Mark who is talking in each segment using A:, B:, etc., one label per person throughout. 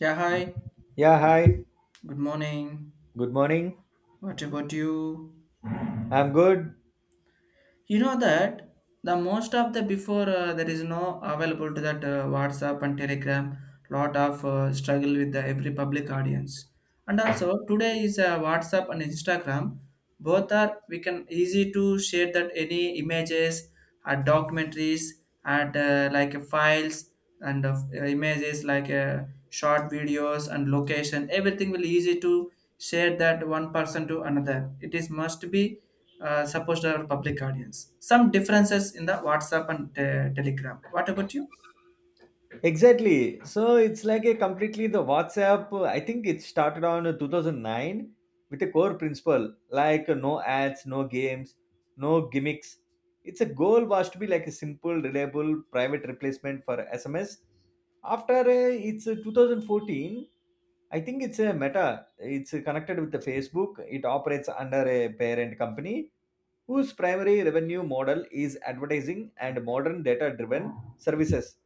A: Yeah, hi.
B: Yeah, hi.
A: Good morning.
B: Good morning.
A: What about you?
B: I'm good.
A: You know that the most of the before there is no available to that WhatsApp and Telegram. Lot of struggle with the every public audience. And also today is WhatsApp and Instagram. Both are we can easy to share that any images, or documentaries, and files and of images short videos and location. Everything will easy to share that one person to another. It is must be supposed to our public audience. Some differences in the WhatsApp and Telegram. What about you?
B: Exactly. So it's like a completely the WhatsApp. I think it started on 2009 with a core principle like no ads, no games, no gimmicks. Its a goal was to be like a simple, reliable, private replacement for SMS. After it's 2014, I think it's a Meta. It's connected with the Facebook. It operates under a parent company whose primary revenue model is advertising and modern data-driven services.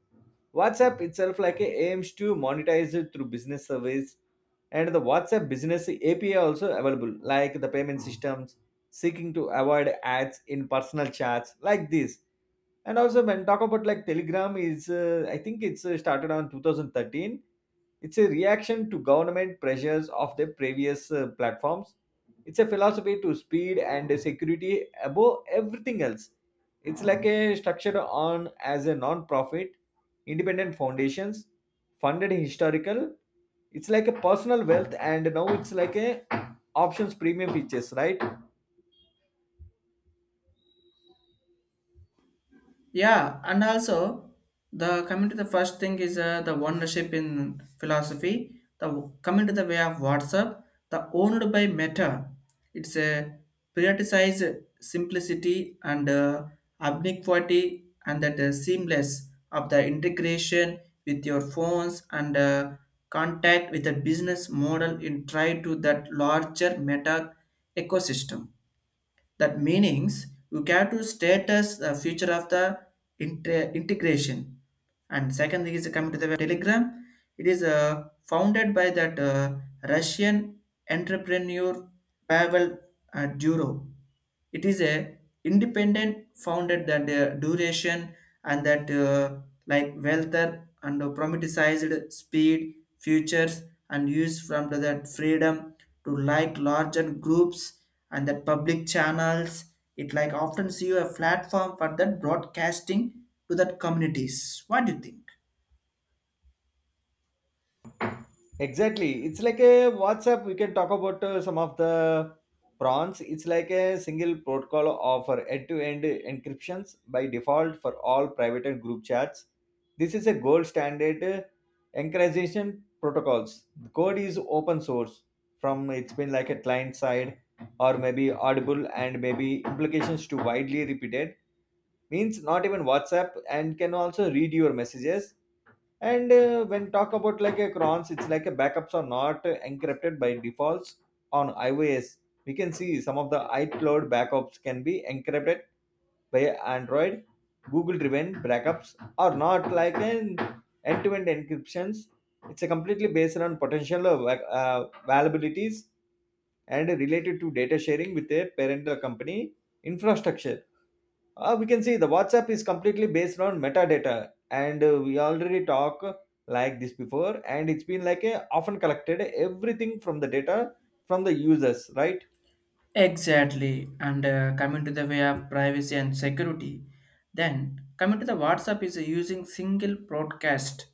B: WhatsApp itself like aims to monetize it through business service and the WhatsApp business API also available like the payment systems seeking to avoid ads in personal chats like this. And also when talk about like Telegram is I think it's started on 2013. It's a reaction to government pressures of the previous platforms. It's a philosophy to speed and security above everything else. It's like a structure on as a non-profit, independent foundations, funded historical. It's like a personal wealth, and now it's like a options premium features, right?
A: Yeah, and also the coming to the first thing is the ownership in philosophy. The coming to the way of WhatsApp, the owned by Meta, it's a prioritized simplicity and ubiquity and that seamless of the integration with your phones and contact with the business model in try to that larger Meta ecosystem. That meanings you have to status the future of the integration. And second thing is coming to the Telegram. It is founded by that Russian entrepreneur Pavel Duro. It is a independent founded that duration and that like wealther and prometheized speed futures and use that freedom to like larger groups and that public channels, it like often see you a platform for that broadcasting to that communities. What do you think?
B: Exactly. It's like a WhatsApp. We can talk about some of the prawns. It's like a single protocol offer end-to-end encryptions by default for all private and group chats. This is a gold standard encryption protocols. The code is open source from it's been like a client side or maybe audible and maybe implications to widely repeated means not even WhatsApp and can also read your messages, and when talk about like a crons, it's like a backups are not encrypted by defaults on iOS. We can see some of the iCloud backups can be encrypted by Android, Google-driven backups are not like an end-to-end encryptions. It's a completely based on potential vulnerabilities and related to data sharing with a parental company infrastructure. We can see the WhatsApp is completely based on metadata, and we already talk like this before, and it's been like a often collected everything from the data from the users, right?
A: Exactly. And coming to the way of privacy and security, then coming to the WhatsApp is using single broadcast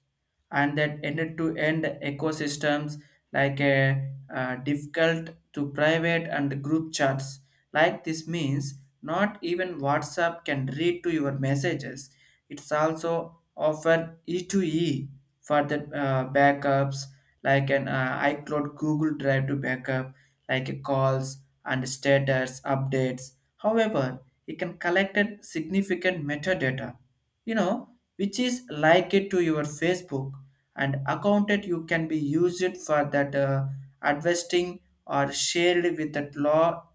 A: and that end-to-end ecosystems like uh, difficult to private and group chats. Like this means not even WhatsApp can read to your messages. It's also offer e to e for the backups like an iCloud Google Drive to backup like a calls and status updates. However, it can collect a significant metadata, you know, which is like it to your Facebook and account that you can be used for that investing or shared with that law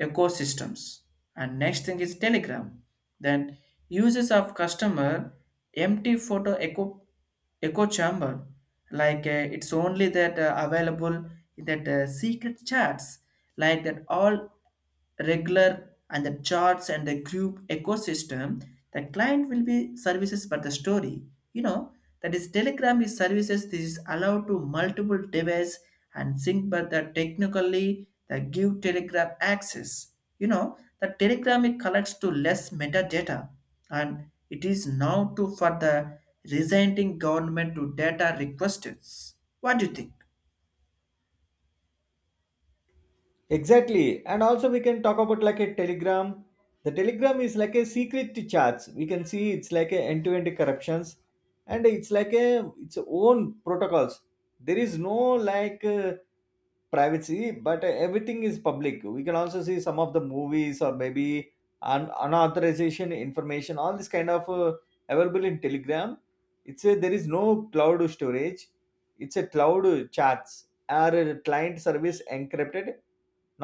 A: ecosystems. And next thing is Telegram. Then uses of customer empty photo echo echo chamber it's only that available in that secret chats like that all regular and the charts and the group ecosystem, the client will be services but the story, you know, that is telegram is services, this is allowed to multiple device and sync, but that technically they give telegram access. You know, the telegram it collects to less metadata and it is now to for the resenting government to data requests. What do you think?
B: Exactly, and also we can talk about like a Telegram. The Telegram is like a secret chats. We can see it's like a end-to-end corruptions, and it's like a its own protocols. There is no like. Privacy but everything is public. We can also see some of the movies or maybe unauthorization information, all this kind of available in telegram. It's a, there is no cloud storage. It's a cloud chats, our client service encrypted,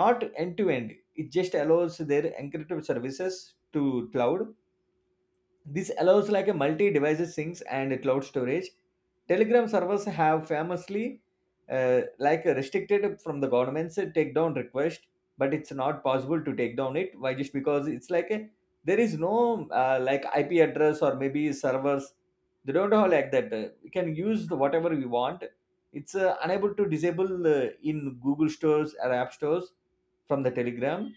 B: not end to end. It just allows their encrypted services to cloud. This allows like a multi-device syncs and cloud storage. Telegram servers have famously like restricted from the government's takedown request, but it's not possible to take down it. Why? Just because it's like a, there is no like IP address or maybe servers. They don't have like that. We can use the whatever we want. It's unable to disable in Google stores or app stores from the Telegram.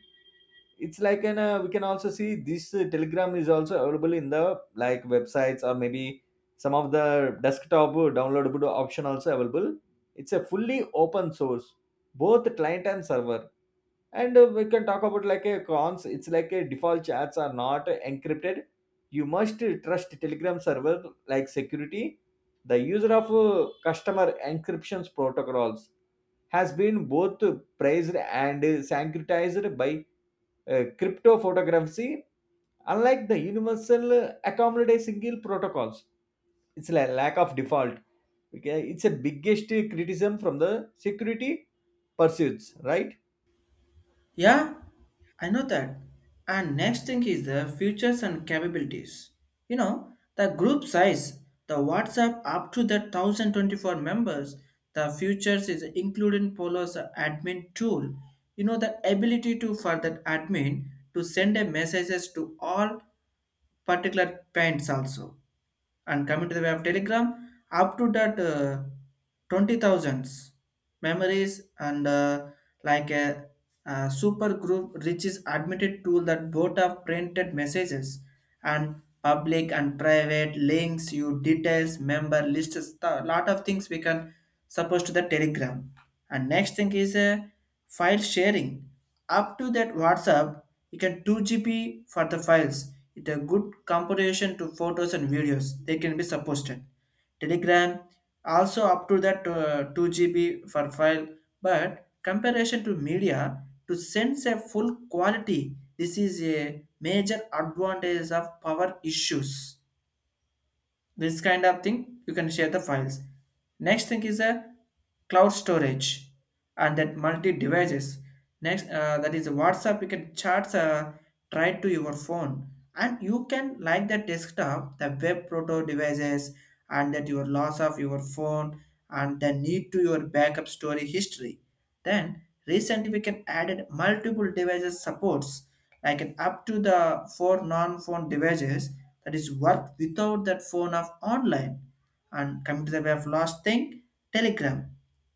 B: It's like an we can also see this telegram is also available in the like websites or maybe some of the desktop downloadable option also available. It's a fully open source, both the client and server. And we can talk about like a cons. It's like a default chats are not encrypted. You must trust telegram server like security. The user of customer encryptions protocols has been both praised and sanctioned by cryptophotography, unlike the universal, accommodate single protocols. It's a lack of default. Okay, it's a biggest criticism from the security pursuits, right?
A: Yeah, I know that. And next thing is the futures and capabilities. You know, the group size, the WhatsApp up to the 1024 members, the futures is included in Polo's admin tool. You know, the ability to for that admin to send a messages to all particular paints also, and coming to the way of telegram up to that 20000s memories and like a, super group reaches admitted tool that both of printed messages and public and private links, you details member lists, a lot of things we can suppose to the telegram. And next thing is a file sharing. Up to that WhatsApp, you can 2GB for the files. It's a good comparison to photos and videos. They can be supposted. Telegram also up to that 2GB for file, but comparison to media to sense a full quality. This is a major advantage of power issues, this kind of thing you can share the files. Next thing is a cloud storage and that multi devices. Next that is whatsapp, you can charge try to your phone and you can like the desktop, the web proto devices and that your loss of your phone and the need to your backup story history. Then recently we can added multiple devices supports like an up to the four non-phone devices that is work without that phone of online. And coming to the way of last thing, Telegram,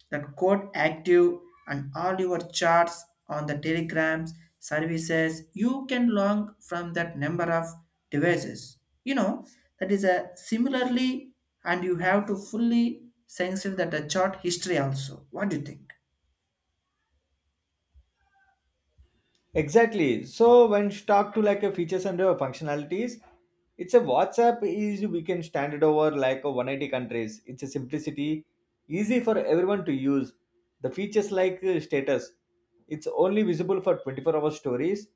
A: that code active and all your charts on the telegrams services, you can log from that number of devices. You know, that is a similarly and you have to fully sensitive that the chart history also. What do you think?
B: Exactly. So when you talk to like a features and functionalities, it's a WhatsApp is we can stand it over like a 180 countries. It's a simplicity, easy for everyone to use. The features like status. It's only visible for 24-hour stories,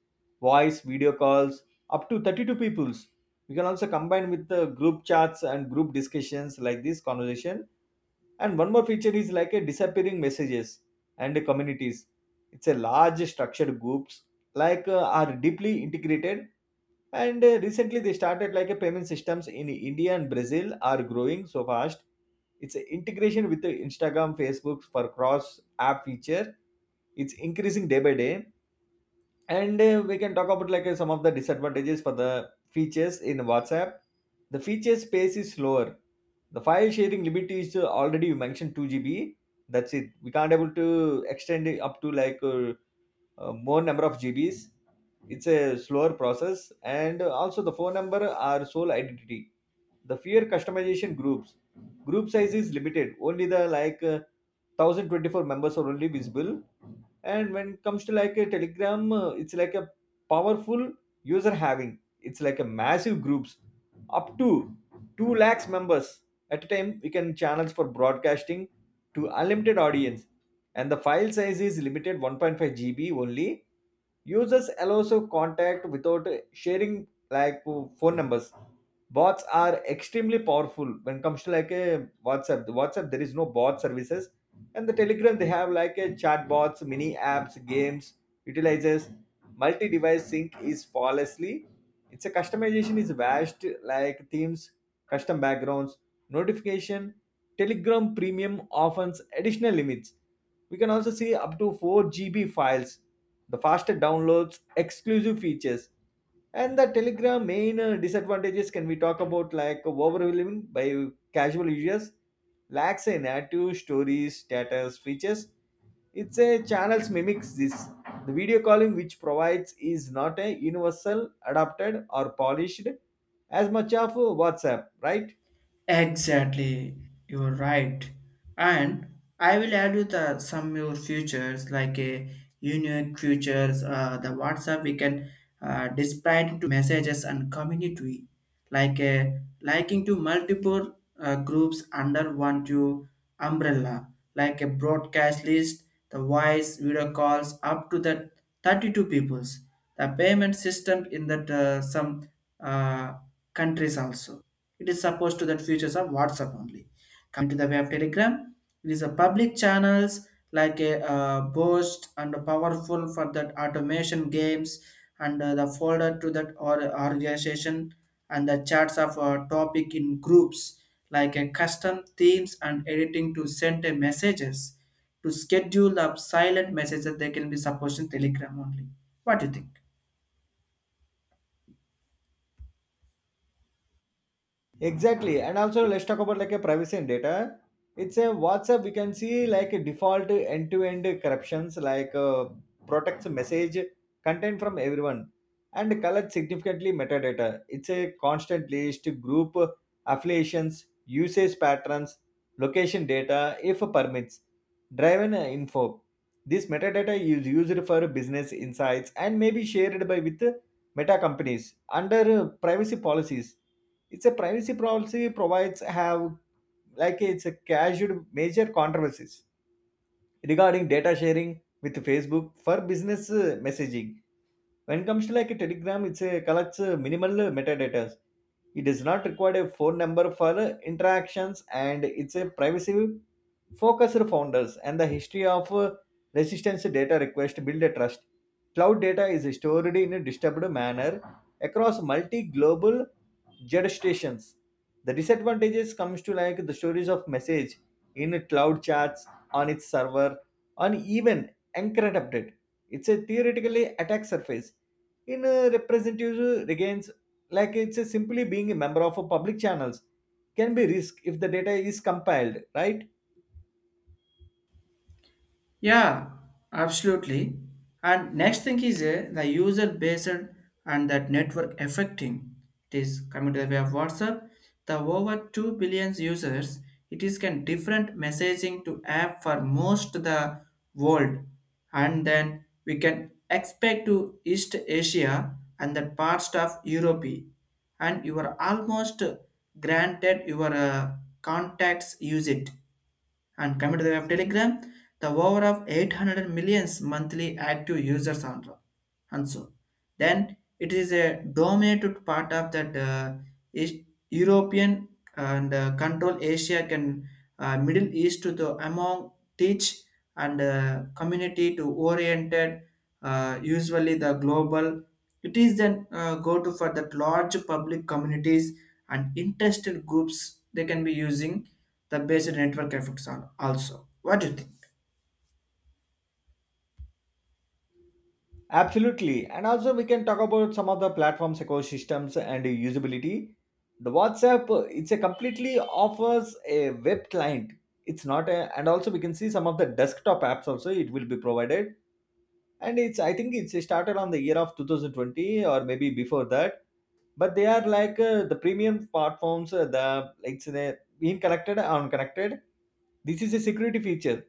B: voice, video calls, up to 32 peoples. We can also combine with the group chats and group discussions like this conversation. And one more feature is like a disappearing messages and communities. It's a large structured groups like are deeply integrated. And recently they started like a payment systems in India and Brazil are growing so fast. It's a integration with the instagram facebook for cross app feature. It's increasing day by day. And we can talk about like some of the disadvantages for the features in whatsapp. The feature space is slower. The file sharing limit is already you mentioned 2 GB, that's it. We can't able to extend it up to like more number of GBs. It's a slower process, and also the phone number are sole identity. The fewer customization groups, group size is limited. Only the like 1024 members are only visible. And when it comes to like a Telegram, it's like a powerful user having. It's like a massive groups up to 2 lakhs members at a time. We can channels for broadcasting to unlimited audience, and the file size is limited 1.5 gb only. Users allow also contact without sharing like phone numbers. Bots are extremely powerful. When it comes to like a whatsapp, there is no bot services. And the telegram, they have like a chatbots, mini apps, games, utilizes. Multi-device sync is flawlessly. It's a customization is vast, like themes, custom backgrounds, notification. Telegram premium offers additional limits. We can also see up to 4 GB files, the faster downloads, exclusive features. And the Telegram main disadvantages can we talk about like overwhelming by casual users, lacks in active stories, status, features. It's a channels mimics this. The video calling which provides is not a universal, adapted or polished as much of WhatsApp, right?
A: Exactly, you're right. And I will add you the some more features like a unique features. The WhatsApp we can display to messages and community, like a liking to multiple groups under one to umbrella, like a broadcast list, the voice, video calls up to the 32 peoples, the payment system in that some uh, countries also. It is supposed to that features of WhatsApp only. Coming to the way of Telegram, it is a public channels like a boast and powerful for that automation games and the folder to that or organization and the charts of topic in groups like a custom themes and editing to send a messages to schedule the silent messages, they can be supposed in telegram only. What do you think?
B: Exactly. And also let's talk about like a privacy and data. It's a WhatsApp we can see like a default end-to-end corruptions like protects message content from everyone and collects significantly metadata. It's a constant list group affiliations, usage patterns, location data if permits, driven info. This metadata is used for business insights and may be shared by with meta companies under privacy policies. It's a privacy policy provides have like it's a casual major controversies regarding data sharing with facebook for business messaging. When it comes to like a telegram, it's a collects minimal metadata. It does not require a phone number for interactions, and it's a privacy focused founders and the history of resistance data request build a trust. Cloud data is stored in a distributed manner across multi global jurisdictions. The disadvantages comes to like the storage of message in cloud chats on its server on even encrypt update. It's a theoretically attack surface in a representative against like it's a simply being a member of a public channels can be risk if the data is compiled, right?
A: Yeah, absolutely. And next thing is the user based and that network affecting. It is coming to the way of WhatsApp. The over 2 billion users, it is can different messaging to app for most the world. And then we can expect to East Asia and the parts of Europe. And you are almost granted your contacts use it, and coming to the web Telegram, the over of 800 millions monthly active users on the- and so. Then it is a dominated part of that East- European and control Asia can Middle East to the among teach and community to oriented usually the global, it is then go to for that large public communities and interested groups they can be using the basic network effects are also. What do you think?
B: Absolutely. And also we can talk about some of the platforms ecosystems and usability. The whatsapp it's a completely offers a web client. It's not a, and also we can see some of the desktop apps also it will be provided. And it's I think it's started on the year of 2020 or maybe before that. But they are like the premium platforms, the like it's being connected or unconnected. This is a security feature,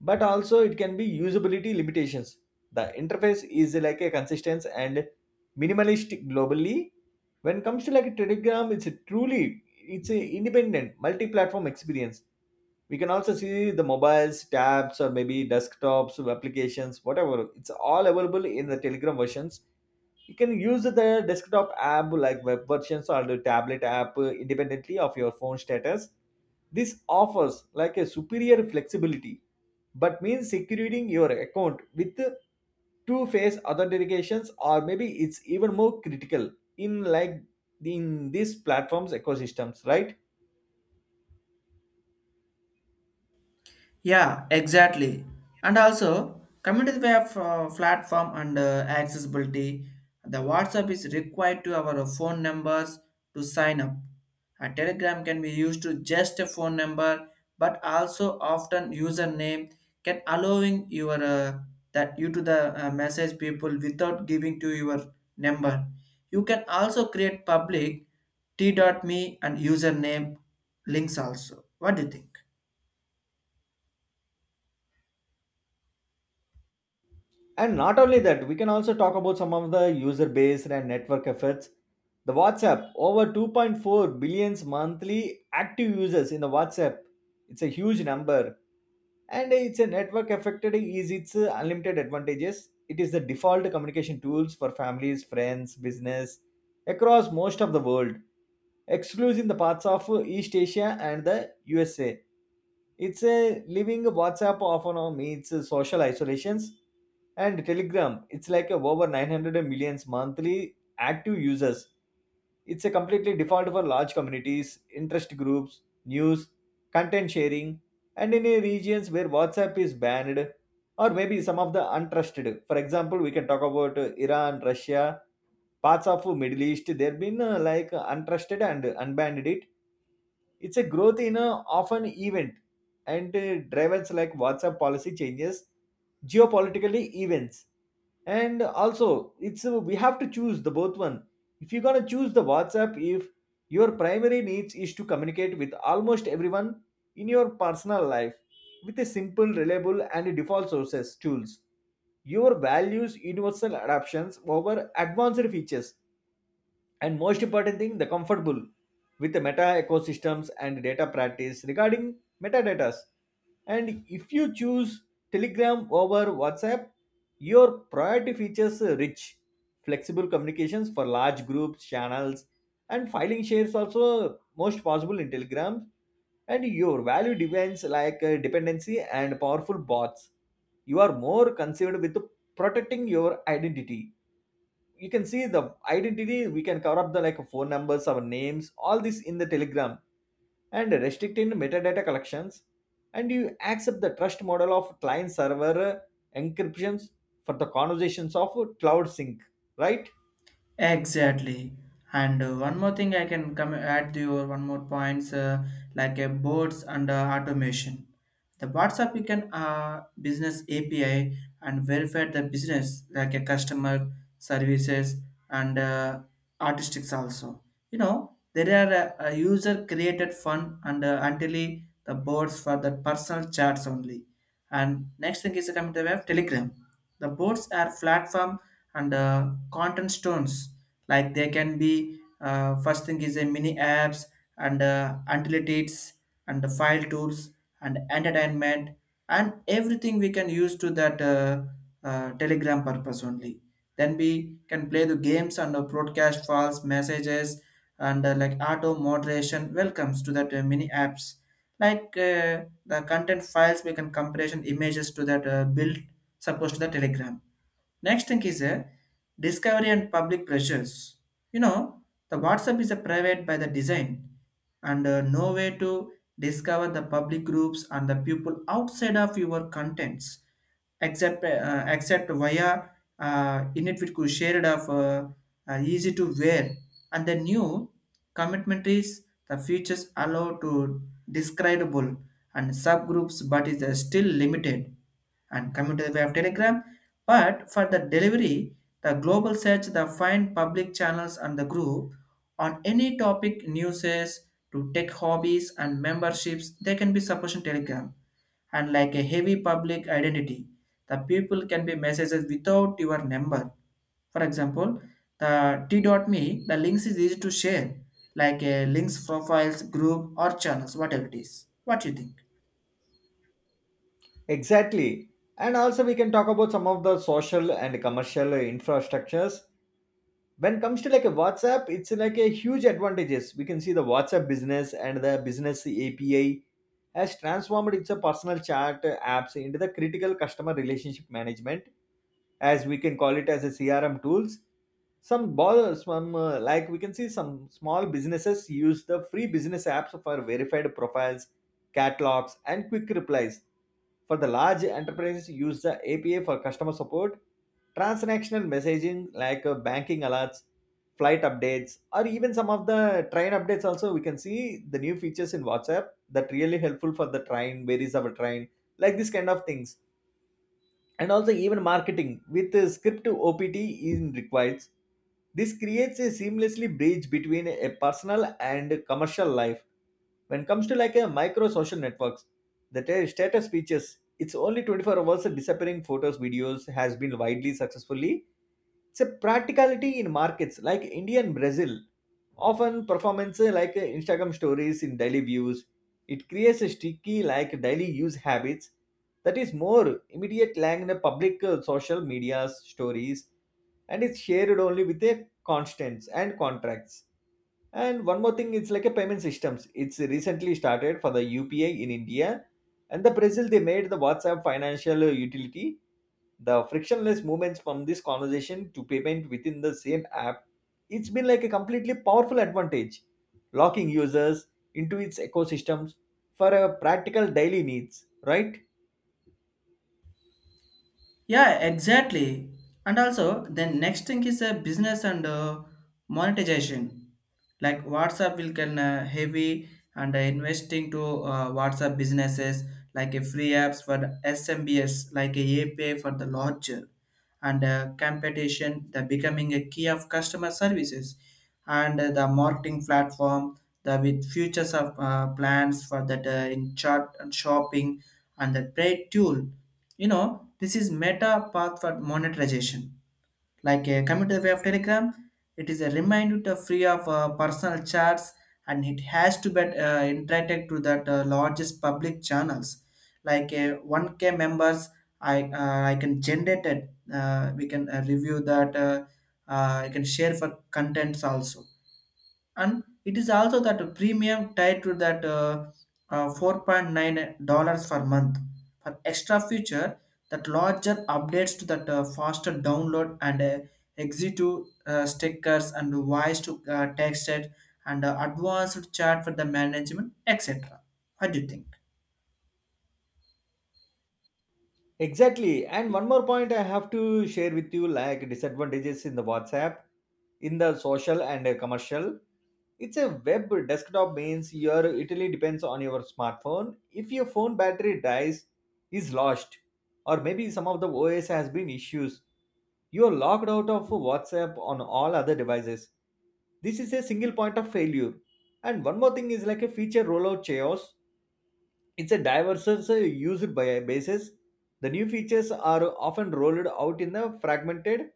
B: but also it can be usability limitations. The interface is like a consistent and minimalist globally. When it comes to like a Telegram, it's a truly it's a independent multi-platform experience. We can also see the mobiles, tabs, or maybe desktops, applications, whatever. It's all available in the Telegram versions. You can use the desktop app like web versions or the tablet app independently of your phone status. This offers like a superior flexibility, but means securing your account with two phase authentications or maybe it's even more critical in like in these platforms ecosystems, right?
A: Yeah, exactly. And also, community web platform and accessibility. The WhatsApp is required to our phone numbers to sign up. A Telegram can be used to just a phone number, but also often username can allowing your that you to the message people without giving to your number. You can also create public t.me and username links also. What do you think?
B: And not only that, we can also talk about some of the user based and network effects. The WhatsApp, over 2.4 billions monthly active users in the WhatsApp. It's a huge number. And it's a network affected is its unlimited advantages. It is the default communication tools for families, friends, business across most of the world exclusive in the parts of East Asia and the USA. It's a living WhatsApp often now means social isolations. And Telegram, it's like a over 900 millions monthly active users. It's a completely default for large communities, interest groups, news, content sharing, and in a regions where WhatsApp is banned or maybe some of the untrusted. For example, we can talk about Iran, Russia, parts of Middle East, they've been like untrusted and unbanned it. It's a growth in a often event, and drivers like WhatsApp policy changes, geopolitically events, and also it's we have to choose the both one. If you're gonna choose the WhatsApp, if your primary needs is to communicate with almost everyone in your personal life with a simple, reliable, and default sources tools. Your values universal adoptions over advanced features and most important thing the comfortable with the meta ecosystems and data practice regarding metadatas. And if you choose Telegram over WhatsApp, your priority features rich flexible communications for large groups channels and filing shares also most possible in Telegram. And your value depends like dependency and powerful bots. You are more concerned with protecting your identity. You can see the identity, we can cover up the like phone numbers, our names, all this in the Telegram and restricting metadata collections. And you accept the trust model of client server encryptions for the conversations of cloud sync, right?
A: Exactly. And one more thing I can come add to your one more points like a boards and automation. The WhatsApp you can business API and verify the business like a customer services and artistics also. You know there are a user created fun and until the boards for the personal chats only. And next thing is coming to the web Telegram. The boards are platform and content stones like they can be first thing is a mini apps and utilities and the file tools and entertainment and everything we can use to that telegram purpose only, then we can play the games and the broadcast files messages and like auto moderation welcomes to that mini apps the content files we can compression images to that build supposed to the telegram. Next thing is a discovery and public pressures. You know, the WhatsApp is a private by the design and no way to discover the public groups and the people outside of your contents except via init shared of easy to wear, and the new commitment is the features allow to describable and subgroups but is still limited, and coming to the way of Telegram. But for the delivery, the global search, the find public channels and the group on any topic, newses to tech hobbies and memberships, they can be supporting Telegram. And like a heavy public identity, the people can be messages without your number. For example, the t.me, the links is easy to share, like a links profiles, group or channels, whatever it is. What do you think?
B: Exactly. And also we can talk about some of the social and commercial infrastructures. When it comes to like a WhatsApp, it's like a huge advantages. We can see the WhatsApp business and the business API has transformed its a personal chat apps into the critical customer relationship management, as we can call it as a CRM tools. Some ball some like we can see some small businesses use the free business apps for verified profiles, catalogs and quick replies. For the large enterprises use the APA for customer support, transactional messaging like banking alerts, flight updates, or even some of the train updates. Also we can see the new features in WhatsApp that really helpful for the train, where is our train, like this kind of things. And also even marketing with script OPT is required. This creates a seamlessly bridge between a personal and commercial life. When it comes to like a micro social networks, the status features, it's only 24 hours disappearing photos, videos has been widely successfully. It's a practicality in markets like India and Brazil. Often performances like Instagram stories in daily views. It creates a sticky like daily use habits that is more immediate like the public social media stories, and it's shared only with a constants and contracts. And one more thing, it's like a payment systems. It's recently started for the UPI in India and the Brazil. They made the WhatsApp financial utility, the frictionless movements from this conversation to payment within the same app. It's been like a completely powerful advantage locking users into its ecosystems for a practical daily needs, right?
A: Yeah, exactly. And also, the next thing is a business and monetization. Like WhatsApp will can heavy and investing to WhatsApp businesses like a free apps for the SMBs like a API for the launcher and competition the becoming a key of customer services and the marketing platform, the with futures of plans for that in chart and shopping and the trade tool. You know this is meta path for monetization like a community way of telegram. It is a reminder to free of personal chats and it has to be interacted to that largest public channels 1k members. I can generate it, we can review that I can share for contents also, and it is also that premium tied to that $4.9 per month for extra feature that larger updates to that faster download and executive stickers and voice to text it and advanced chat for the management etc. What do you think?
B: Exactly. And one more point I have to share with you like disadvantages in the WhatsApp in the social and commercial. It's a web desktop means your utility depends on your smartphone. If your phone battery dies, is lost, or maybe some of the OS has been issues, you are locked out of WhatsApp on all other devices. This is a single point of failure. And one more thing is like a feature rollout chaos. It's a diverse basis. The new features are often rolled out in a fragmented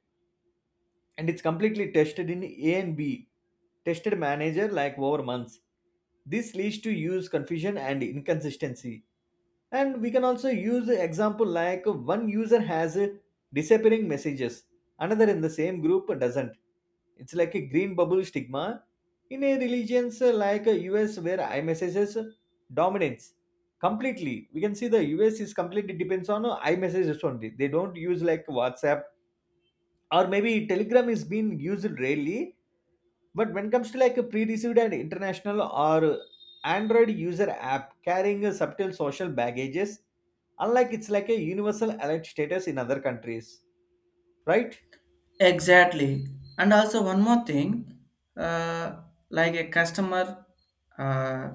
B: and it's completely tested in A and B tested manager like over months. This leads to use confusion and inconsistency. And we can also use the example like one user has a disappearing messages, another in the same group doesn't. It's like a green bubble stigma in a religions like US where iMessages dominates completely. We can see the US is completely depends on iMessages only. They don't use like WhatsApp or maybe Telegram is being used rarely. But when it comes to like a pre-received and international or Android user app carrying a subtle social baggages, unlike it's like a universal alert status in other countries, right?
A: Exactly. And also one more thing, uh, like a customer uh,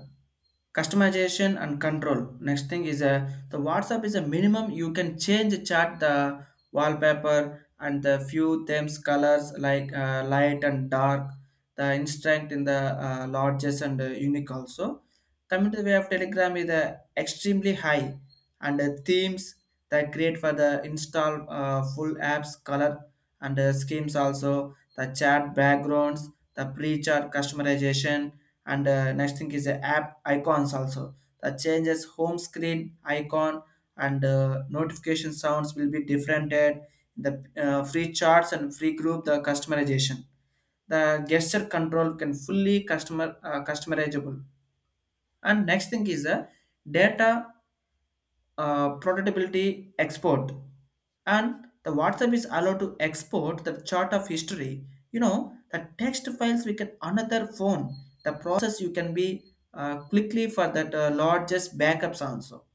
A: customization and control. Next thing is the WhatsApp is a minimum you can change the chart, the wallpaper and the few themes colors light and dark, the instant in the largest and unique also. Coming to the way of Telegram is extremely high and the themes that create for the install full apps color and schemes also, the chat backgrounds, the pre-chat customization, and next thing is the app icons also, the changes home screen icon and notification sounds will be different at the free charts and free group the customization, the gesture control can fully customer customizable. And next thing is the data prototypability export, and the whatsapp is allowed to export the chart of history. You know the text files we can another phone, the process you can be quickly for that largest backups also,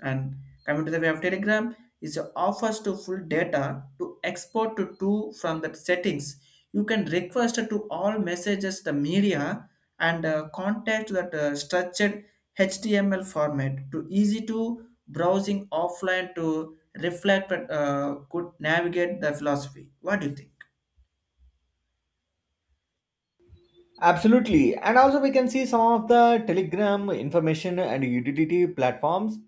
A: and coming to the way of Telegram is offers to full data to export to two from the settings. You can request to all messages the media and contact that structured HTML format to easy to browsing offline to reflect could navigate the philosophy. What do you think?
B: Absolutely. And also we can see some of the Telegram information and utility platforms.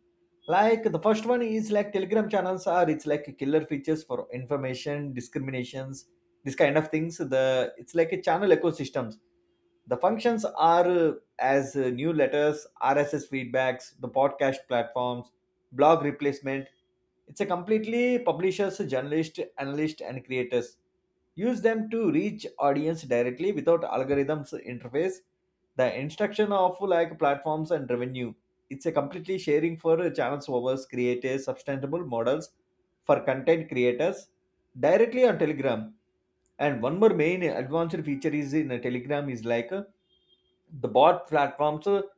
B: Like the first one is like Telegram channels are it's like killer features for information discriminations, this kind of things. The it's like a channel ecosystem. The functions are as new letters, RSS feedbacks, the podcast platforms, blog replacement. It's a completely publishers, journalists, analysts, and creators. Use them to reach audience directly without algorithms interface. The instruction of like platforms and revenue. It's a completely sharing for channels overs creators sustainable models for content creators directly on Telegram. And one more main advanced feature is in Telegram is like the bot platform. So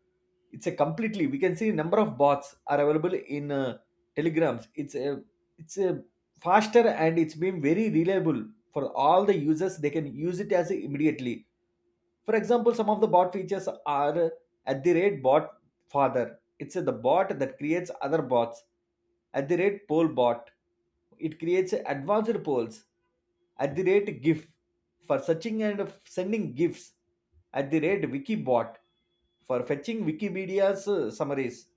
B: it's a completely we can see number of bots are available in telegrams. It's a faster and it's been very reliable for all the users, they can use it as immediately. For example, some of the bot features are at the rate bot father. It's the bot that creates other bots. At the rate poll bot, it creates advanced polls. At the rate GIF for searching and sending GIFs. At the rate wiki bot for fetching Wikipedia's summaries.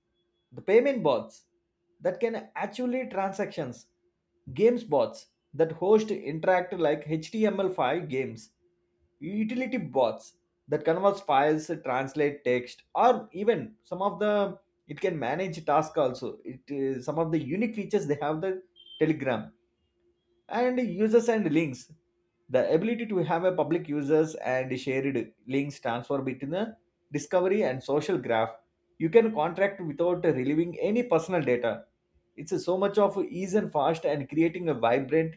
B: The payment bots that can actually transactions. Games bots that host interactive like HTML5 games, utility bots that converts files, translate text, or even some of the it can manage task also. It is some of the unique features they have the Telegram. And users and links, the ability to have a public users and shared links transfer between the discovery and social graph. You can contract without relieving any personal data. It's so much of ease and fast and creating a vibrant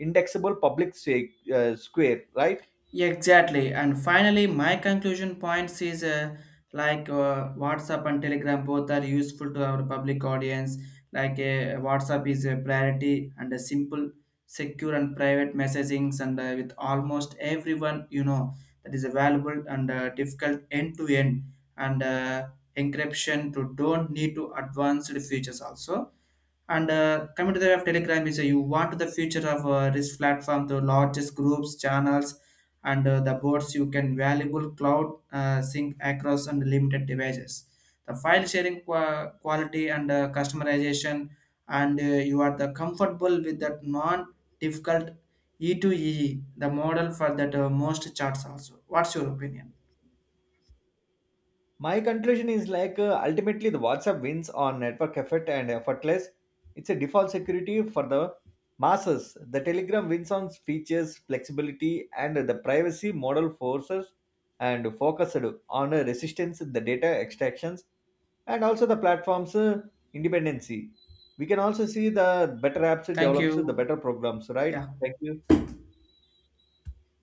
B: indexable public square, right?
A: Yeah, exactly. And finally, my conclusion points is WhatsApp and Telegram both are useful to our public audience. WhatsApp is a priority and a simple, secure and private messagings and with almost everyone, you know, that is available and difficult end to end and encryption to don't need to advanced features also, and coming to the way of Telegram is you want the future of this platform to largest groups, channels, and the boards you can valuable cloud sync across unlimited devices. The file sharing quality and customization, and you are the comfortable with that non-difficult E to e the model for that most charts also. What's your opinion?
B: My conclusion is like ultimately the WhatsApp wins on network effect and effortless. It's a default security for the masses. The Telegram wins on features, flexibility, and the privacy model forces and focused on resistance, the data extractions, and also the platform's independency. We can also see the better apps
A: Thank
B: develops the better
A: you.
B: programs, right?
A: Yeah.
B: Thank you.